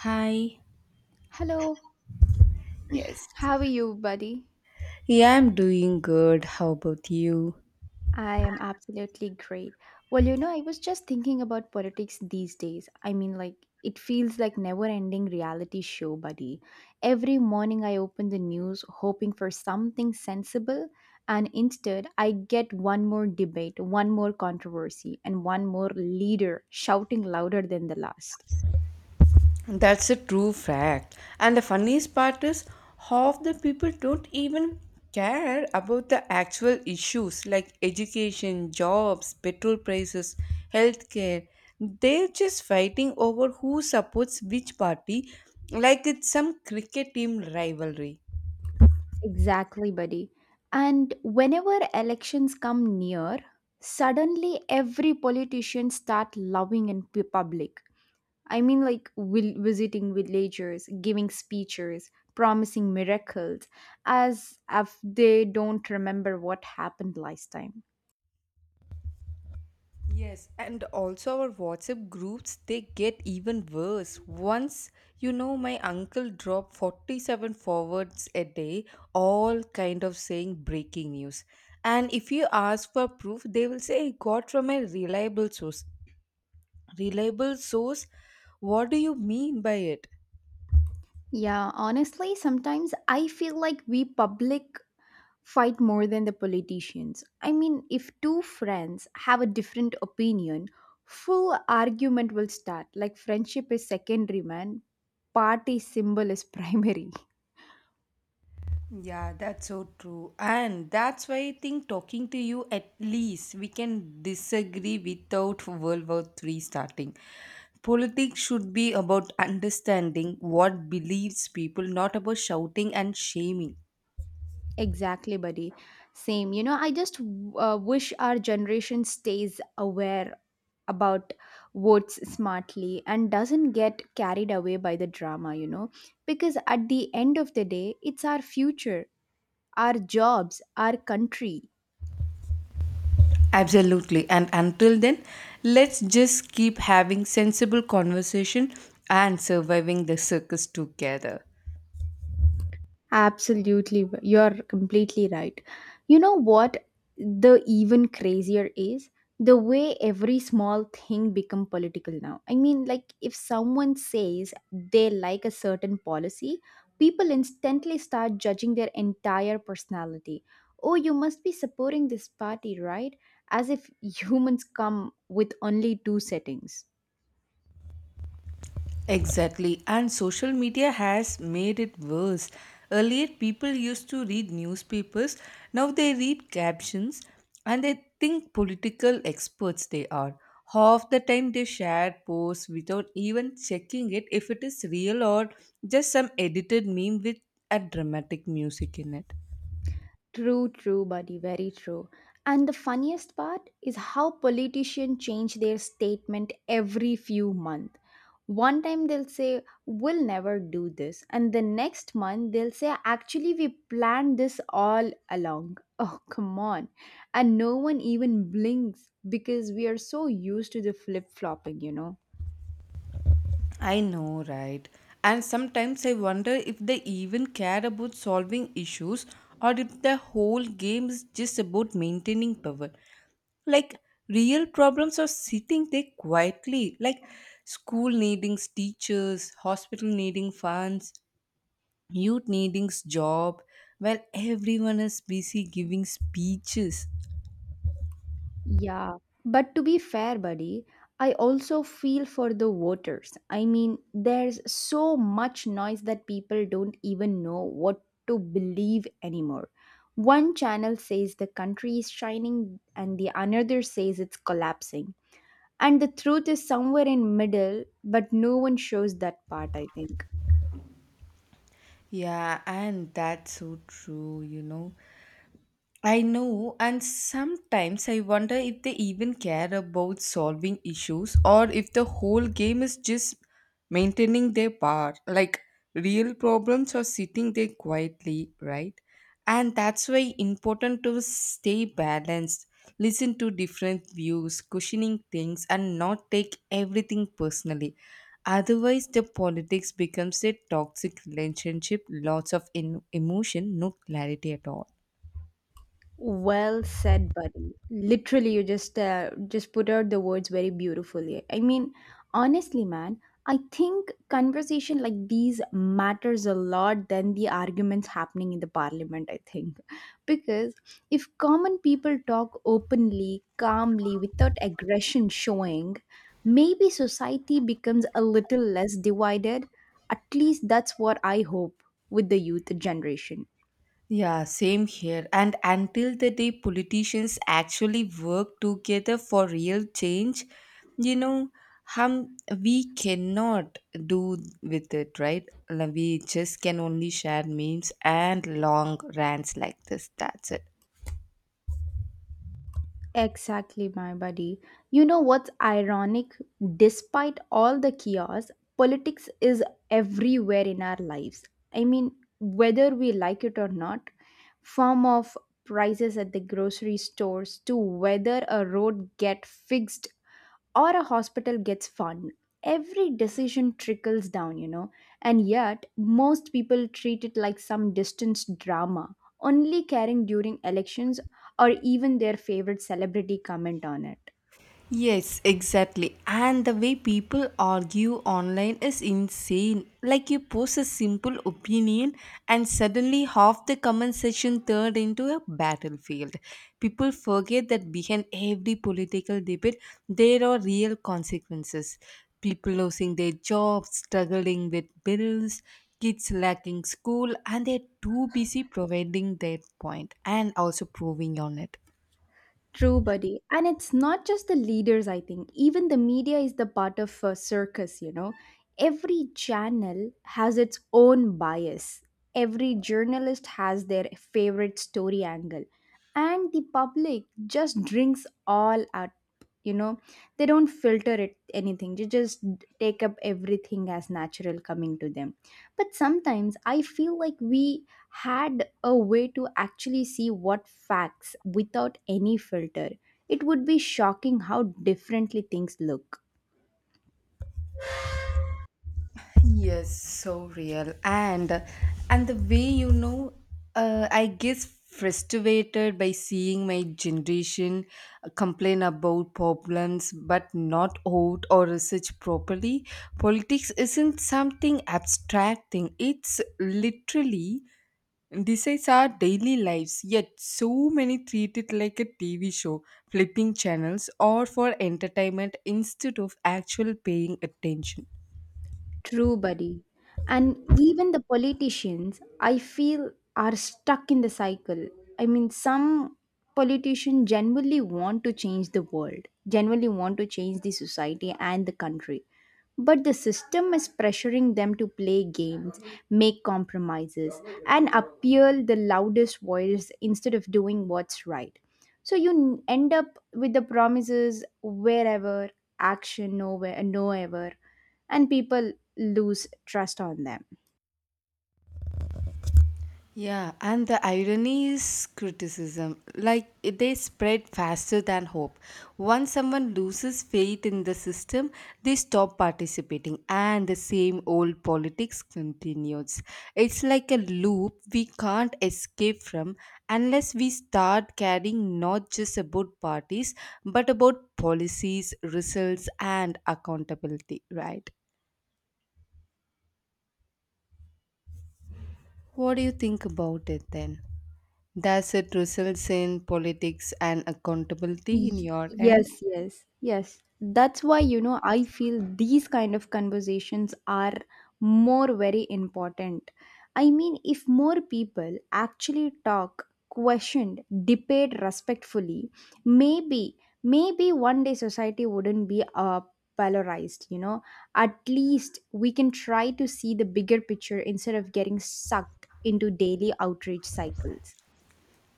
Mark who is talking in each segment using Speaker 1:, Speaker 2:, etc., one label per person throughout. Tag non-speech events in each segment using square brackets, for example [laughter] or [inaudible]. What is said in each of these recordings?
Speaker 1: Hi.
Speaker 2: Hello,
Speaker 1: Yes.
Speaker 2: how are you, buddy?
Speaker 1: Yeah, I'm doing good. How about you?
Speaker 2: I am absolutely great. Well, I was just thinking about politics these days. I mean, like, it feels like never-ending reality show, buddy. Every morning I open the news hoping for something sensible, and instead I get one more debate, one more controversy, and one more leader shouting louder than the last.
Speaker 1: That's a true fact. And the funniest part is, half the people don't even care about the actual issues like education, jobs, petrol prices, healthcare. They're just fighting over who supports which party like it's some cricket team rivalry.
Speaker 2: Exactly, buddy. And whenever elections come near, suddenly every politician start loving in public. I mean, like will visiting villagers, giving speeches, promising miracles, as if they don't remember what happened last time.
Speaker 1: Yes, and also our WhatsApp groups they get even worse. Once my uncle dropped 47 forwards a day, all kind of saying breaking news. And if you ask for proof, they will say I got from a reliable source. Reliable source? What do you mean by it?
Speaker 2: Yeah, honestly, sometimes I feel like we public fight more than the politicians. I mean, if two friends have a different opinion, full argument will start. Like friendship is secondary, man. Party symbol is primary. [laughs]
Speaker 1: Yeah, that's so true. And that's why I think talking to you at least we can disagree without World War Three starting. Politics should be about understanding what believes people, not about shouting and shaming.
Speaker 2: Exactly, buddy. Same. I just wish our generation stays aware about votes smartly and doesn't get carried away by the drama, because at the end of the day, it's our future, our jobs, our country.
Speaker 1: Absolutely. And until then, let's just keep having sensible conversation and surviving the circus together.
Speaker 2: Absolutely, you're completely right. You know what the even crazier is? The way every small thing become political now. I mean, like if someone says they like a certain policy, people instantly start judging their entire personality. Oh, you must be supporting this party, right? As if [laughs] humans come with only two settings.
Speaker 1: Exactly, and social media has made it worse. Earlier, people used to read newspapers, now they read captions and they think political experts they are. Half the time, they share posts without even checking it if it is real or just some edited meme with a dramatic music in it.
Speaker 2: True, true, buddy, very true. And the funniest part is how politicians change their statement every few months. One time they'll say, "We'll never do this." And the next month they'll say, "Actually, we planned this all along." [laughs] Oh, come on. And no one even blinks because we are so used to the flip flopping.
Speaker 1: I know, right? And sometimes I wonder if they even care about solving issues or if the whole game is just about maintaining power. Like, real problems are sitting there quietly like school needing teachers, hospital needing funds, youth needing job while everyone is busy giving speeches.
Speaker 2: Yeah, but to be fair, buddy, I also feel for the voters. I mean, there's so much noise that people don't even know what to believe anymore. One channel says the country is shining, and the another says it's collapsing. And the truth is somewhere in middle, but no one shows that part, I think.
Speaker 1: Yeah, and that's so true. I know, and sometimes I wonder if they even care about solving issues or if the whole game is just maintaining their power. Like, real problems are sitting there quietly, right? And that's why important to stay balanced, listen to different views, cushioning things, and not take everything personally. Otherwise, the politics becomes a toxic relationship, lots of emotion, no clarity at all.
Speaker 2: Well said, buddy. Literally, you just put out the words very beautifully. I mean, honestly, man, I think conversation like these matters a lot than the arguments happening in the parliament, I think. Because if common people talk openly, calmly, without aggression showing, maybe society becomes a little less divided. At least that's what I hope with the youth generation.
Speaker 1: Yeah, same here. And until the day politicians actually work together for real change, you know, hum, we cannot do with it, right? Like, we just can only share memes and long rants like this. That's it.
Speaker 2: Exactly, my buddy. You know what's ironic? Despite all the chaos, politics is everywhere in our lives. I mean, whether we like it or not, from of prices at the grocery stores to whether a road get fixed or a hospital gets fund. Every decision trickles down, and yet most people treat it like some distant drama, only caring during elections or even their favorite celebrity comment on it.
Speaker 1: Yes, exactly. And the way people argue online is insane. Like you post a simple opinion and suddenly half the comment section turned into a battlefield. People forget that behind every political debate there are real consequences. People losing their jobs, struggling with bills, kids lacking school and they're too busy providing their point and also proving on it.
Speaker 2: True, buddy. And it's not just the leaders, I think. Even the media is the part of a circus. Every channel has its own bias, every journalist has their favorite story angle, and the public just drinks all out. you know they don't filter it anything. They just take up everything as natural coming to them. But sometimes I feel like we had a way to actually see what facts without any filter, it would be shocking how differently things look.
Speaker 1: Yes, so real. And the way I guess frustrated by seeing my generation complain about problems but not out or research properly. Politics isn't something abstract thing. It's literally decides our daily lives. Yet so many treat it like a TV show, flipping channels or for entertainment instead of actual paying attention.
Speaker 2: True, buddy. And even the politicians, I feel, are stuck in the cycle. I mean, some politicians genuinely want to change the world, genuinely want to change the society and the country. But the system is pressuring them to play games, make compromises, and appeal the loudest voice instead of doing what's right. So you end up with the promises wherever, action nowhere, nowhere, and people lose trust on them.
Speaker 1: Yeah, and the irony is criticism. Like they spread faster than hope. Once someone loses faith in the system, they stop participating, and the same old politics continues. It's like a loop we can't escape from unless we start caring not just about parties but about policies, results, and accountability, right? What do you think about it then? Does it result in politics and accountability in your end?
Speaker 2: Yes, yes, yes. That's why, I feel these kind of conversations are more very important. I mean, if more people actually talk, questioned, debate respectfully, maybe, maybe one day society wouldn't be polarized. At least we can try to see the bigger picture instead of getting sucked into daily outrage cycles.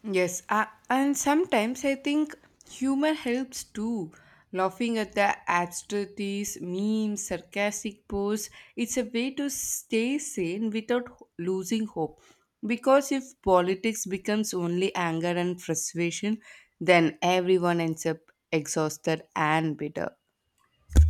Speaker 1: Yes, and sometimes I think humor helps too. Laughing at the absurdities, memes, sarcastic posts, it's a way to stay sane without losing hope. Because if politics becomes only anger and frustration, then everyone ends up exhausted and bitter.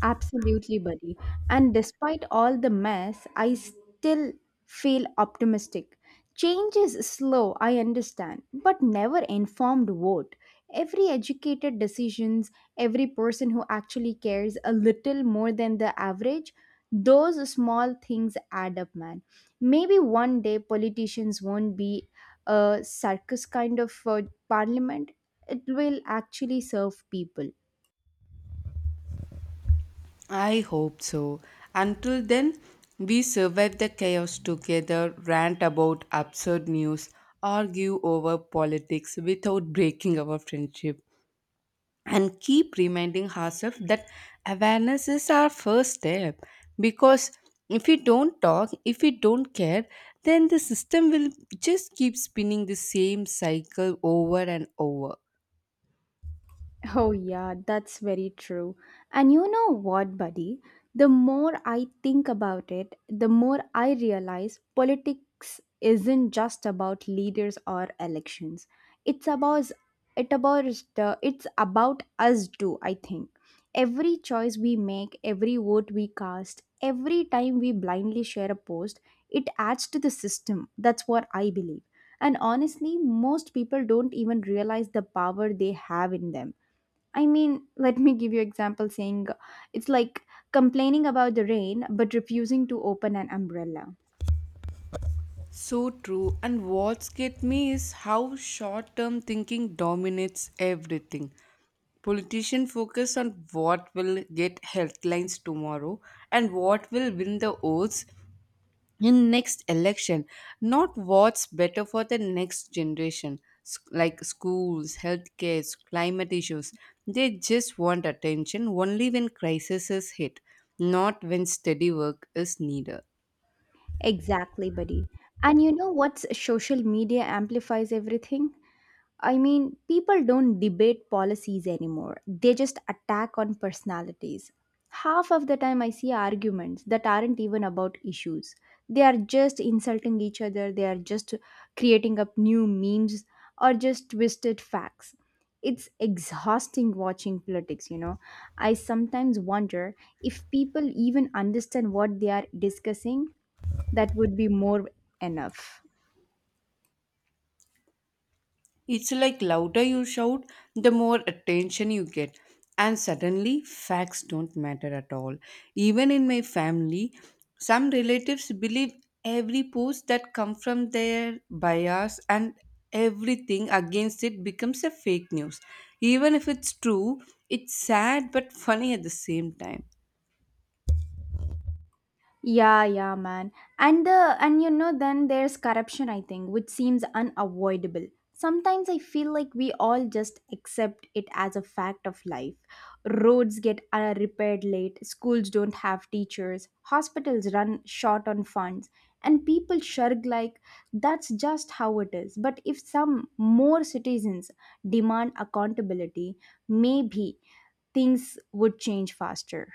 Speaker 2: Absolutely, buddy. And despite all the mess, I still feel optimistic. Change is slow, I understand, but never informed vote. Every educated decisions, every person who actually cares a little more than the average, those small things add up, man. Maybe one day politicians won't be a circus kind of parliament. It will actually serve people.
Speaker 1: I hope so. Until then, we survive the chaos together, rant about absurd news, argue over politics without breaking our friendship, and keep reminding ourselves that awareness is our first step. Because if we don't talk, if we don't care, then the system will just keep spinning the same cycle over and over.
Speaker 2: Oh, yeah, that's very true. And you know what, buddy? The more I think about it, the more I realize politics isn't just about leaders or elections. It's about it about it's about us too, I think. Every choice we make, every vote we cast, every time we blindly share a post, it adds to the system. That's what I believe. And honestly, most people don't even realize the power they have in them. I mean, [laughs] let me give you example saying it's like complaining about the rain but refusing to open an umbrella.
Speaker 1: So true. And what's get me is how short term thinking dominates everything. Politicians focus on what will get headlines tomorrow and what will win the votes in next election, not what's better for the next generation. Like schools, healthcare, climate issues, they just want attention only when crises hit, not when steady work is needed.
Speaker 2: Exactly, buddy. And you know what social media amplifies everything? I mean, people don't debate policies anymore. They just attack on personalities. Half of the time, I see arguments that aren't even about issues. They are just insulting each other, they are just creating up new memes or just twisted facts. It's exhausting watching politics. I sometimes wonder if people even understand what they are discussing, that would be more enough.
Speaker 1: It's like louder you shout, the more attention you get. And suddenly, facts don't matter at all. Even in my family, some relatives believe every post that comes from their bias and everything against it becomes a fake news. Even if it's true, it's sad but funny at the same time.
Speaker 2: Yeah, yeah, man. And then there's corruption I think which seems unavoidable. Sometimes I feel like we all just accept it as a fact of life. Roads get repaired late, schools don't have teachers, hospitals run short on funds, and people shirk like that's just how it is. But if some more citizens demand accountability, maybe things would change faster.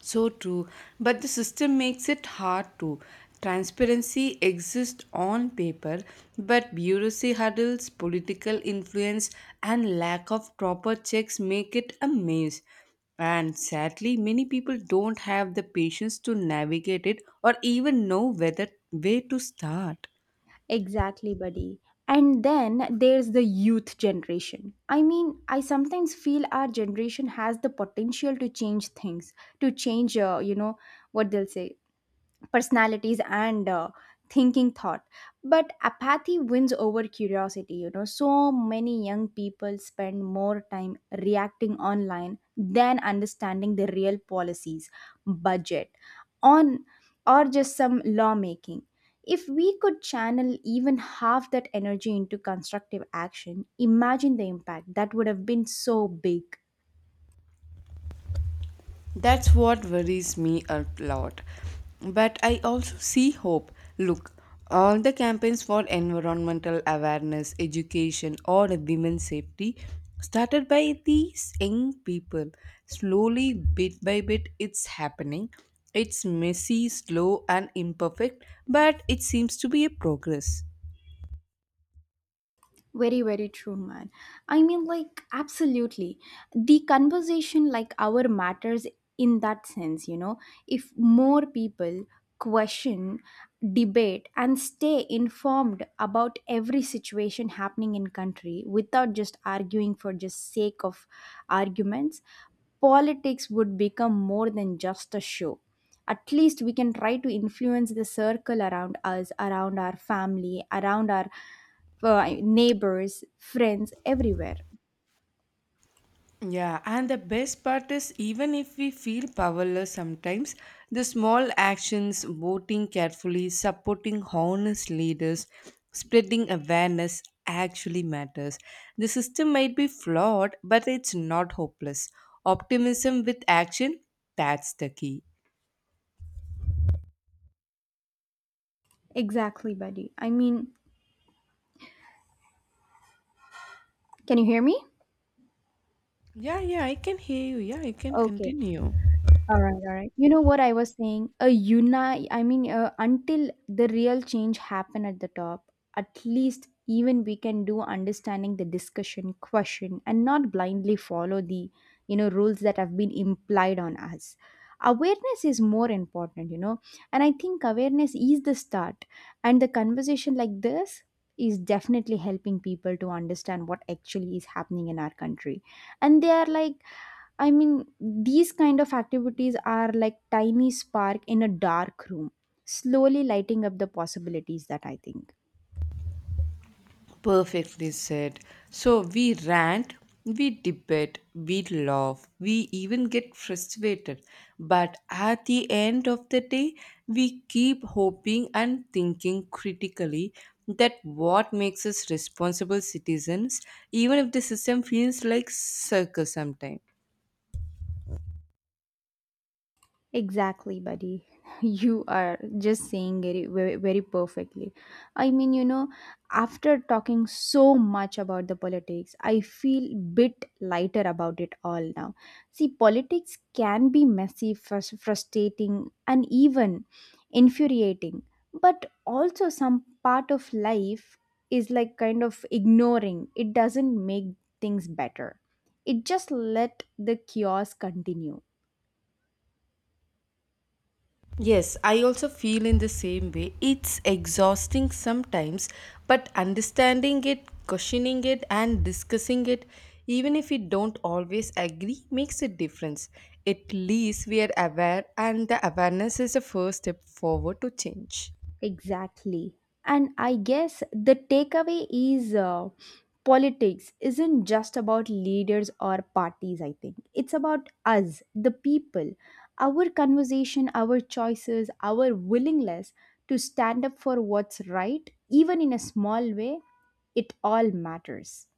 Speaker 1: So true, but the system makes it hard to. Transparency exists on paper, but bureaucracy hurdles, political influence, and lack of proper checks make it a maze. And sadly, many people don't have the patience to navigate it or even know whether where to start.
Speaker 2: Exactly, buddy. And then there's the youth generation. I mean, I sometimes feel our generation has the potential to change things, to change, what they'll say, personalities, and thinking thought. But apathy wins over curiosity, so many young people spend more time reacting online than understanding the real policies, budget on, or just some lawmaking. If we could channel even half that energy into constructive action, imagine the impact that would have been so big.
Speaker 1: That's what worries me a lot. But I also see hope. Look, all the campaigns for environmental awareness, education, or women's safety started by these young people. Slowly, bit by bit, it's happening. It's messy, slow, and imperfect, but it seems to be a progress.
Speaker 2: Very very true, man. I mean, like, absolutely. The conversation like our matters in that sense. If more people question, debate, and stay informed about every situation happening in country without just arguing for just sake of arguments, politics would become more than just a show. At least we can try to influence the circle around us, around our family, around our neighbors, friends, everywhere.
Speaker 1: Yeah, and the best part is even if we feel powerless sometimes, the small actions, voting carefully, supporting honest leaders, spreading awareness actually matters. The system might be flawed, but it's not hopeless. Optimism with action, that's the key.
Speaker 2: Exactly, buddy. I mean, can you hear me?
Speaker 1: Yeah, I can hear you. Yeah, you can
Speaker 2: Okay.
Speaker 1: continue.
Speaker 2: All right, all right. You know what I was saying? I mean, until the real change happen at the top, at least even we can do understanding the discussion, question, and not blindly follow the, rules that have been implied on us. Awareness is more important, and I think awareness is the start. And the conversation like this is definitely helping people to understand what actually is happening in our country. And they are like, I mean, these kind of activities are like tiny spark in a dark room, slowly lighting up the possibilities that I think.
Speaker 1: Perfectly said. So we rant, we debate, we laugh, we even get frustrated. But at the end of the day, we keep hoping and thinking critically that what makes us responsible citizens, even if the system feels like circus sometimes.
Speaker 2: Exactly, buddy. [laughs] You are just saying it very, very perfectly. I mean, after talking so much about the politics, I feel bit lighter about it all now. See, politics can be messy, frustrating, and even infuriating, but also some part of life is like kind of ignoring. It doesn't make things better. It just let the chaos continue.
Speaker 1: Yes, I also feel in the same way. It's exhausting sometimes, but understanding it, questioning it, and discussing it, even if we don't always agree, makes a difference. At least we are aware, and the awareness is the first step forward to change.
Speaker 2: Exactly. And I guess the takeaway is politics isn't just about leaders or parties, I think. It's about us, the people, our conversation, our choices, our willingness to stand up for what's right, even in a small way. It all matters.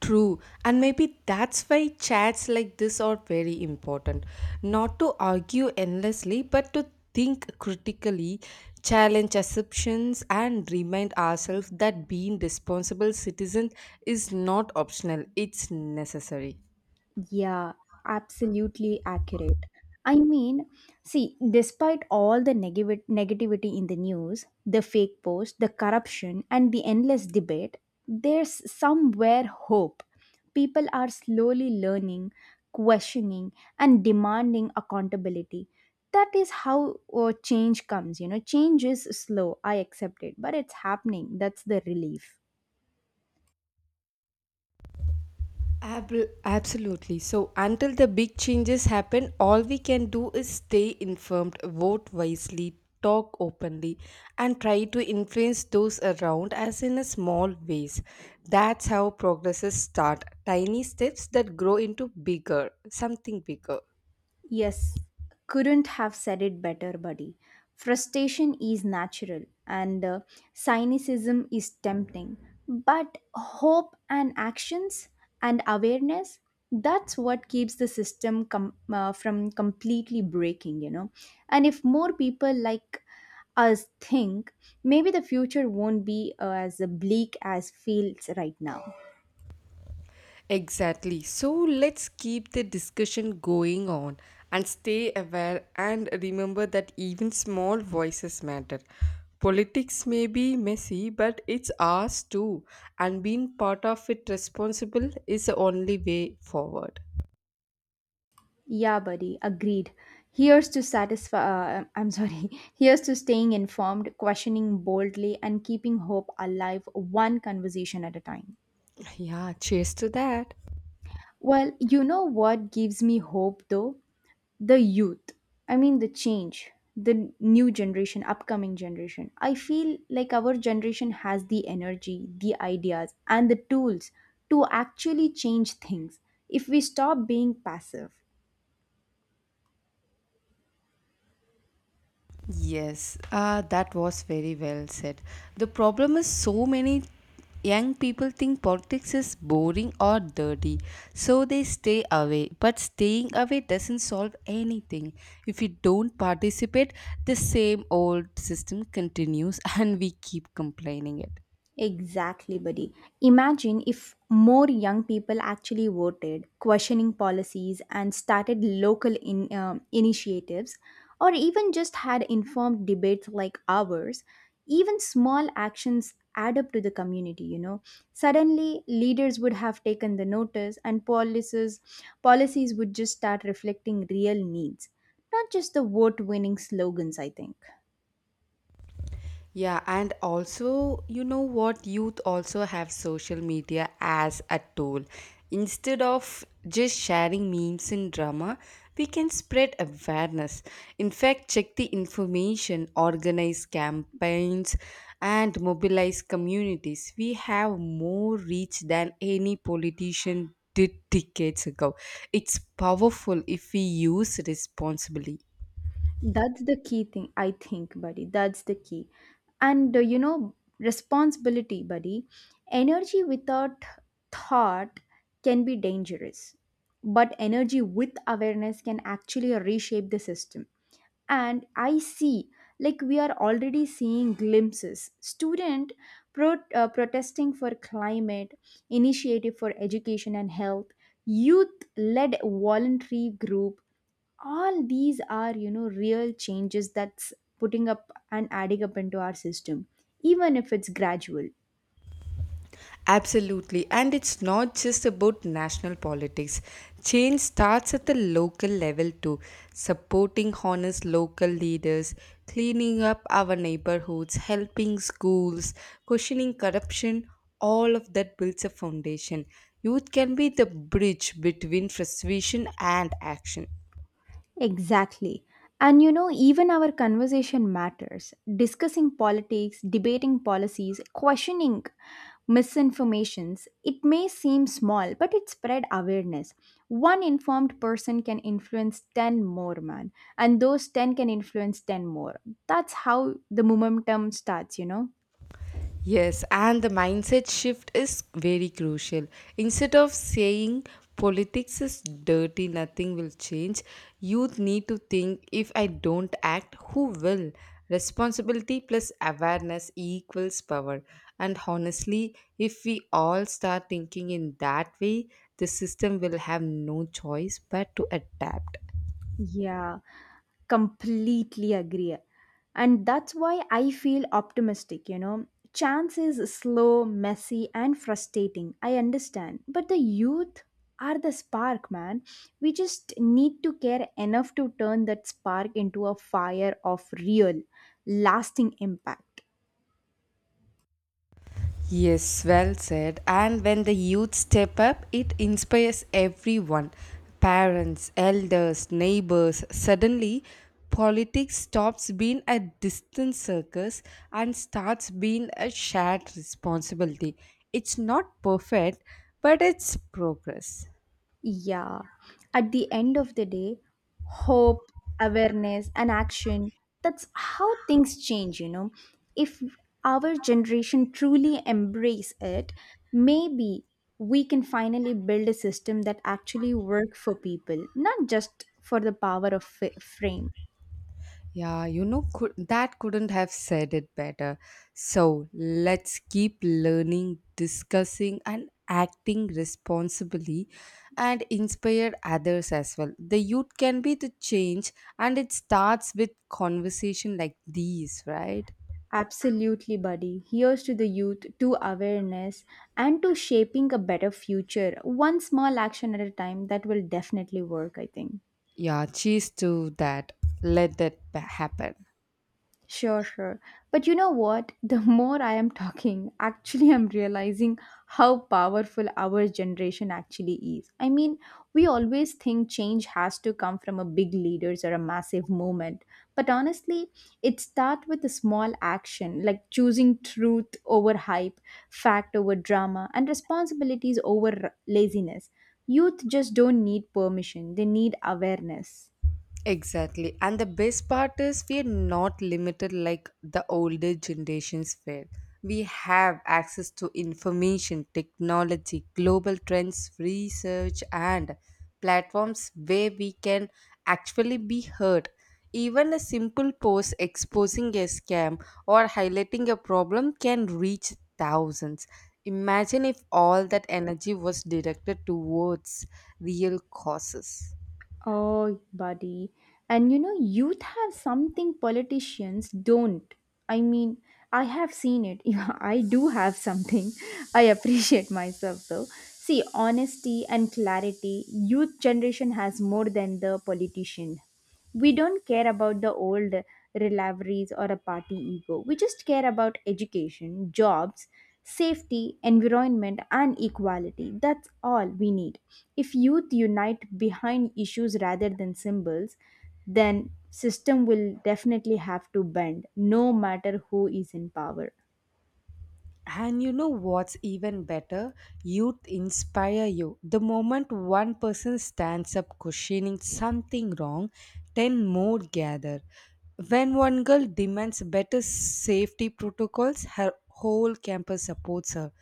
Speaker 1: True, and maybe that's why chats like this are very important. Not to argue endlessly, but to think critically, challenge assumptions, and remind ourselves that being responsible citizens is not optional, it's necessary.
Speaker 2: Yeah, absolutely accurate. I mean, see, despite all the negative negativity in the news, the fake post, the corruption, and the endless debate, there's somewhere hope. People are slowly learning, questioning, and demanding accountability. That is how change comes. You know, change is slow. I accept it, but it's happening. That's the relief.
Speaker 1: Absolutely. So, until the big changes happen, all we can do is stay informed, vote wisely, talk openly, and try to influence those around us in a small ways. That's how progresses start tiny steps that grow into bigger, something bigger.
Speaker 2: Yes, couldn't have said it better, buddy. Frustration is natural and cynicism is tempting, but hope and actions and awareness that's what keeps the system from completely breaking. And if more people like us think, maybe the future won't be as bleak as feels right now.
Speaker 1: Exactly. So let's keep the discussion going on and stay aware and remember that even small voices matter. Politics may be messy, but it's ours too, and being part of it responsible is the only way forward.
Speaker 2: Yeah, buddy, agreed. Here's to satisfy. I'm sorry. [laughs] Here's to staying informed, questioning boldly, and keeping hope alive one conversation at a time.
Speaker 1: Yeah, cheers to that.
Speaker 2: Well, you know what gives me hope though? The youth. I mean, the change, the new generation, upcoming generation. I feel like our generation has the energy, the ideas, and the tools to actually change things if we stop being passive.
Speaker 1: Yes, that was very well said. The problem is so many young people think politics is boring or dirty, so they stay away. But staying away doesn't solve anything. If you don't participate, the same old system continues [laughs] and we keep complaining it.
Speaker 2: Exactly, buddy. Imagine if more young people actually voted, questioning policies, and started local initiatives, or even just had informed debates like ours. Even small actions add up to the community. Suddenly, leaders would have taken the notice, and policies would just start reflecting real needs, not just the vote-winning slogans, I think.
Speaker 1: Yeah, and also, you know what? Youth also have social media as a tool. Instead of just sharing memes and drama, we can spread awareness. In fact, check the information, organize campaigns, and mobilize communities. We have more reach than any politician did decades ago. It's powerful if we use responsibly.
Speaker 2: That's the key thing, I think, buddy. That's the key. Responsibility, buddy. Energy without thought can be dangerous, but energy with awareness can actually reshape the system, and I see, like, we are already seeing glimpses. Student protesting for climate, initiative for education and health, youth led voluntary group, all these are, you know, real changes that's putting up and adding up into our system, even if it's gradual.
Speaker 1: Absolutely. And it's not just about national politics. Change starts at the local level too. Supporting honest local leaders, cleaning up our neighborhoods, helping schools, questioning corruption, all of that builds a foundation. Youth can be the bridge between frustration and action.
Speaker 2: Exactly. And you know, even our conversation matters. Discussing politics, debating policies, questioning misinformations, it may seem small, but it spread awareness. One informed person can influence 10 more, man. And those 10 can influence 10 more. That's how the momentum starts, you know?
Speaker 1: Yes, and the mindset shift is very crucial. Instead of saying politics is dirty, nothing will change, youth need to think if I don't act, who will? Responsibility plus awareness equals power. And honestly, if we all start thinking in that way, the system will have no choice but to adapt.
Speaker 2: Yeah, completely agree, and that's why I feel optimistic, you know. Chance is slow, messy, and frustrating, I understand, but the youth are the spark, man. We just need to care enough to turn that spark into a fire of real, lasting impact.
Speaker 1: Yes, well said. And when the youth step up, it inspires everyone parents, elders, neighbors. Suddenly, politics stops being a distant circus and starts being a shared responsibility. It's not perfect, but it's progress.
Speaker 2: Yeah. At the end of the day, hope, awareness, and action, that's how things change, you know. If our generation truly embrace it, maybe we can finally build a system that actually work for people, not just for the power of frame.
Speaker 1: Yeah, that couldn't have said it better. So let's keep learning, discussing, and acting responsibly and inspire others as well. The youth can be the change, and it starts with conversation like these, right?
Speaker 2: Absolutely, buddy. Here's to the youth, to awareness, and to shaping a better future, one small action at a time, that will definitely work, I think.
Speaker 1: Yeah, cheers to that. Let that happen.
Speaker 2: Sure, sure. But you know what? [laughs] The more I am talking, actually, I'm realizing how powerful our generation actually is. I mean, we always think change has to come from a big leaders or a massive movement. But honestly, it starts with a small action like choosing truth over hype, fact over drama, and responsibilities over laziness. Youth just don't need permission, they need awareness.
Speaker 1: Exactly. And the best part is we are not limited like the older generations were. We have access to information, technology, global trends, research, and platforms where we can actually be heard. Even a simple post exposing a scam or highlighting a problem can reach thousands. Imagine if all that energy was directed towards real causes.
Speaker 2: Oh, buddy. And you know, youth have something politicians don't. I mean, I have seen it. [laughs] Yeah, I do have something. I appreciate myself though. See, honesty and clarity, youth generation has more than the politician. We don't care about the old rivalries or a party ego. We just care about education, jobs, safety, environment, and equality. That's all we need. If youth unite behind issues rather than symbols, then system will definitely have to bend, no matter who is in power.
Speaker 1: And you know what's even better? Youth inspire you. The moment one person stands up questioning something wrong, 10 more gather. When one girl demands better safety protocols, her whole campus supports her.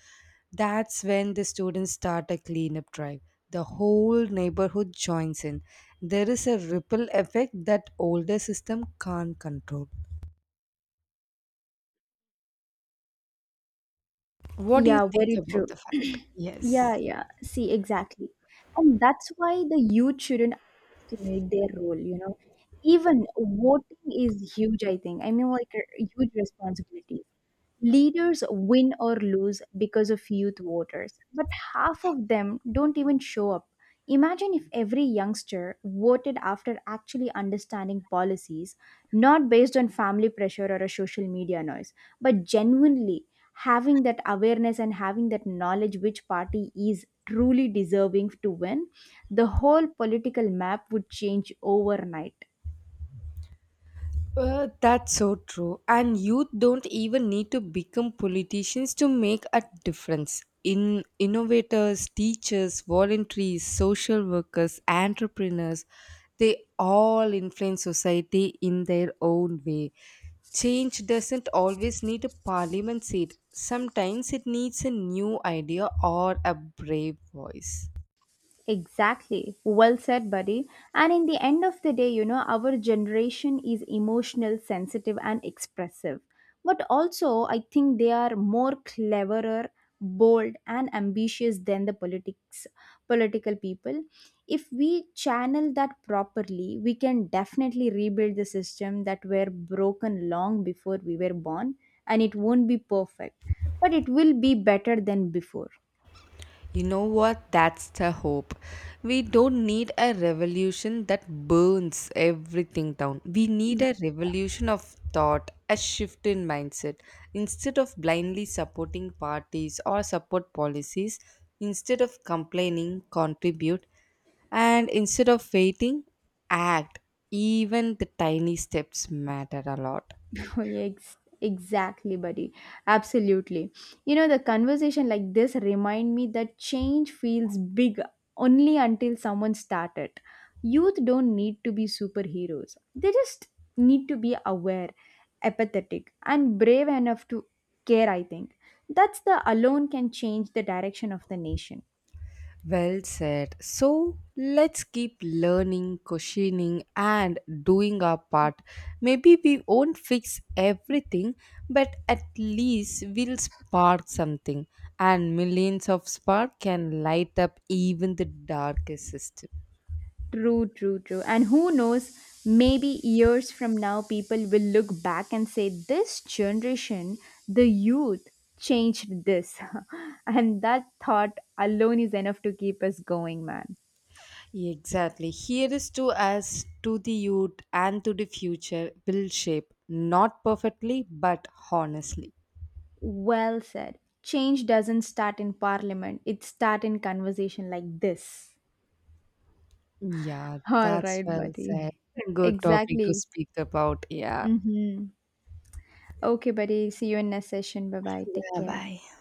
Speaker 1: That's when the students start a cleanup drive. The whole neighborhood joins in. There is a ripple effect that older system can't control. What do you
Speaker 2: Yeah,
Speaker 1: think
Speaker 2: very
Speaker 1: about
Speaker 2: true.
Speaker 1: the
Speaker 2: [clears throat]
Speaker 1: fact? Yes.
Speaker 2: Yeah, yeah. See, exactly. And that's why the youth shouldn't underestimate their role, you know. Even voting is huge, I think. I mean, like a huge responsibility. Leaders win or lose because of youth voters, but half of them don't even show up. Imagine if every youngster voted after actually understanding policies, not based on family pressure or a social media noise, but genuinely having that awareness and having that knowledge which party is truly deserving to win, the whole political map would change overnight.
Speaker 1: That's so true. And youth don't even need to become politicians to make a difference. In innovators, teachers, volunteers, social workers, entrepreneurs, they all influence society in their own way. Change doesn't always need a parliament seat. Sometimes it needs a new idea or a brave voice.
Speaker 2: Exactly. Well said, buddy. And in the end of the day, you know, our generation is emotional, sensitive, and expressive. But also, I think they are more cleverer, bold, and ambitious than the politics political people. If we channel that properly, we can definitely rebuild the system that were broken long before we were born, and it won't be perfect, but it will be better than before.
Speaker 1: You know what? That's the hope. We don't need a revolution that burns everything down. We need a revolution of thought, a shift in mindset. Instead of blindly supporting parties or support policies, instead of complaining, contribute, and instead of waiting, act. Even the tiny steps matter a lot.
Speaker 2: [laughs] Exactly, buddy. Absolutely. You know, the conversation like this remind me that change feels big only until someone started. Youth don't need to be superheroes. They just need to be aware, empathetic, and brave enough to care, I think. That's the alone can change the direction of the nation.
Speaker 1: Well said. So let's keep learning, questioning, and doing our part. Maybe we won't fix everything, but at least we'll spark something, and millions of spark can light up even the darkest system.
Speaker 2: True, true, true. And who knows, maybe years from now, people will look back and say, "This generation, the youth, changed this." [laughs] And that thought alone is enough to keep us going, man.
Speaker 1: Exactly. Here is to us, to the youth, and to the future will shape not perfectly, but honestly.
Speaker 2: Well said. Change doesn't start in parliament, it starts in conversation like this.
Speaker 1: Yeah,
Speaker 2: [laughs] All
Speaker 1: that's
Speaker 2: right,
Speaker 1: well said.
Speaker 2: buddy.
Speaker 1: Good topic to
Speaker 2: Exactly.
Speaker 1: speak about. Yeah.
Speaker 2: Mm-hmm. Okay, buddy. See you in next session. Bye bye. Take
Speaker 1: Yeah,
Speaker 2: care.
Speaker 1: bye.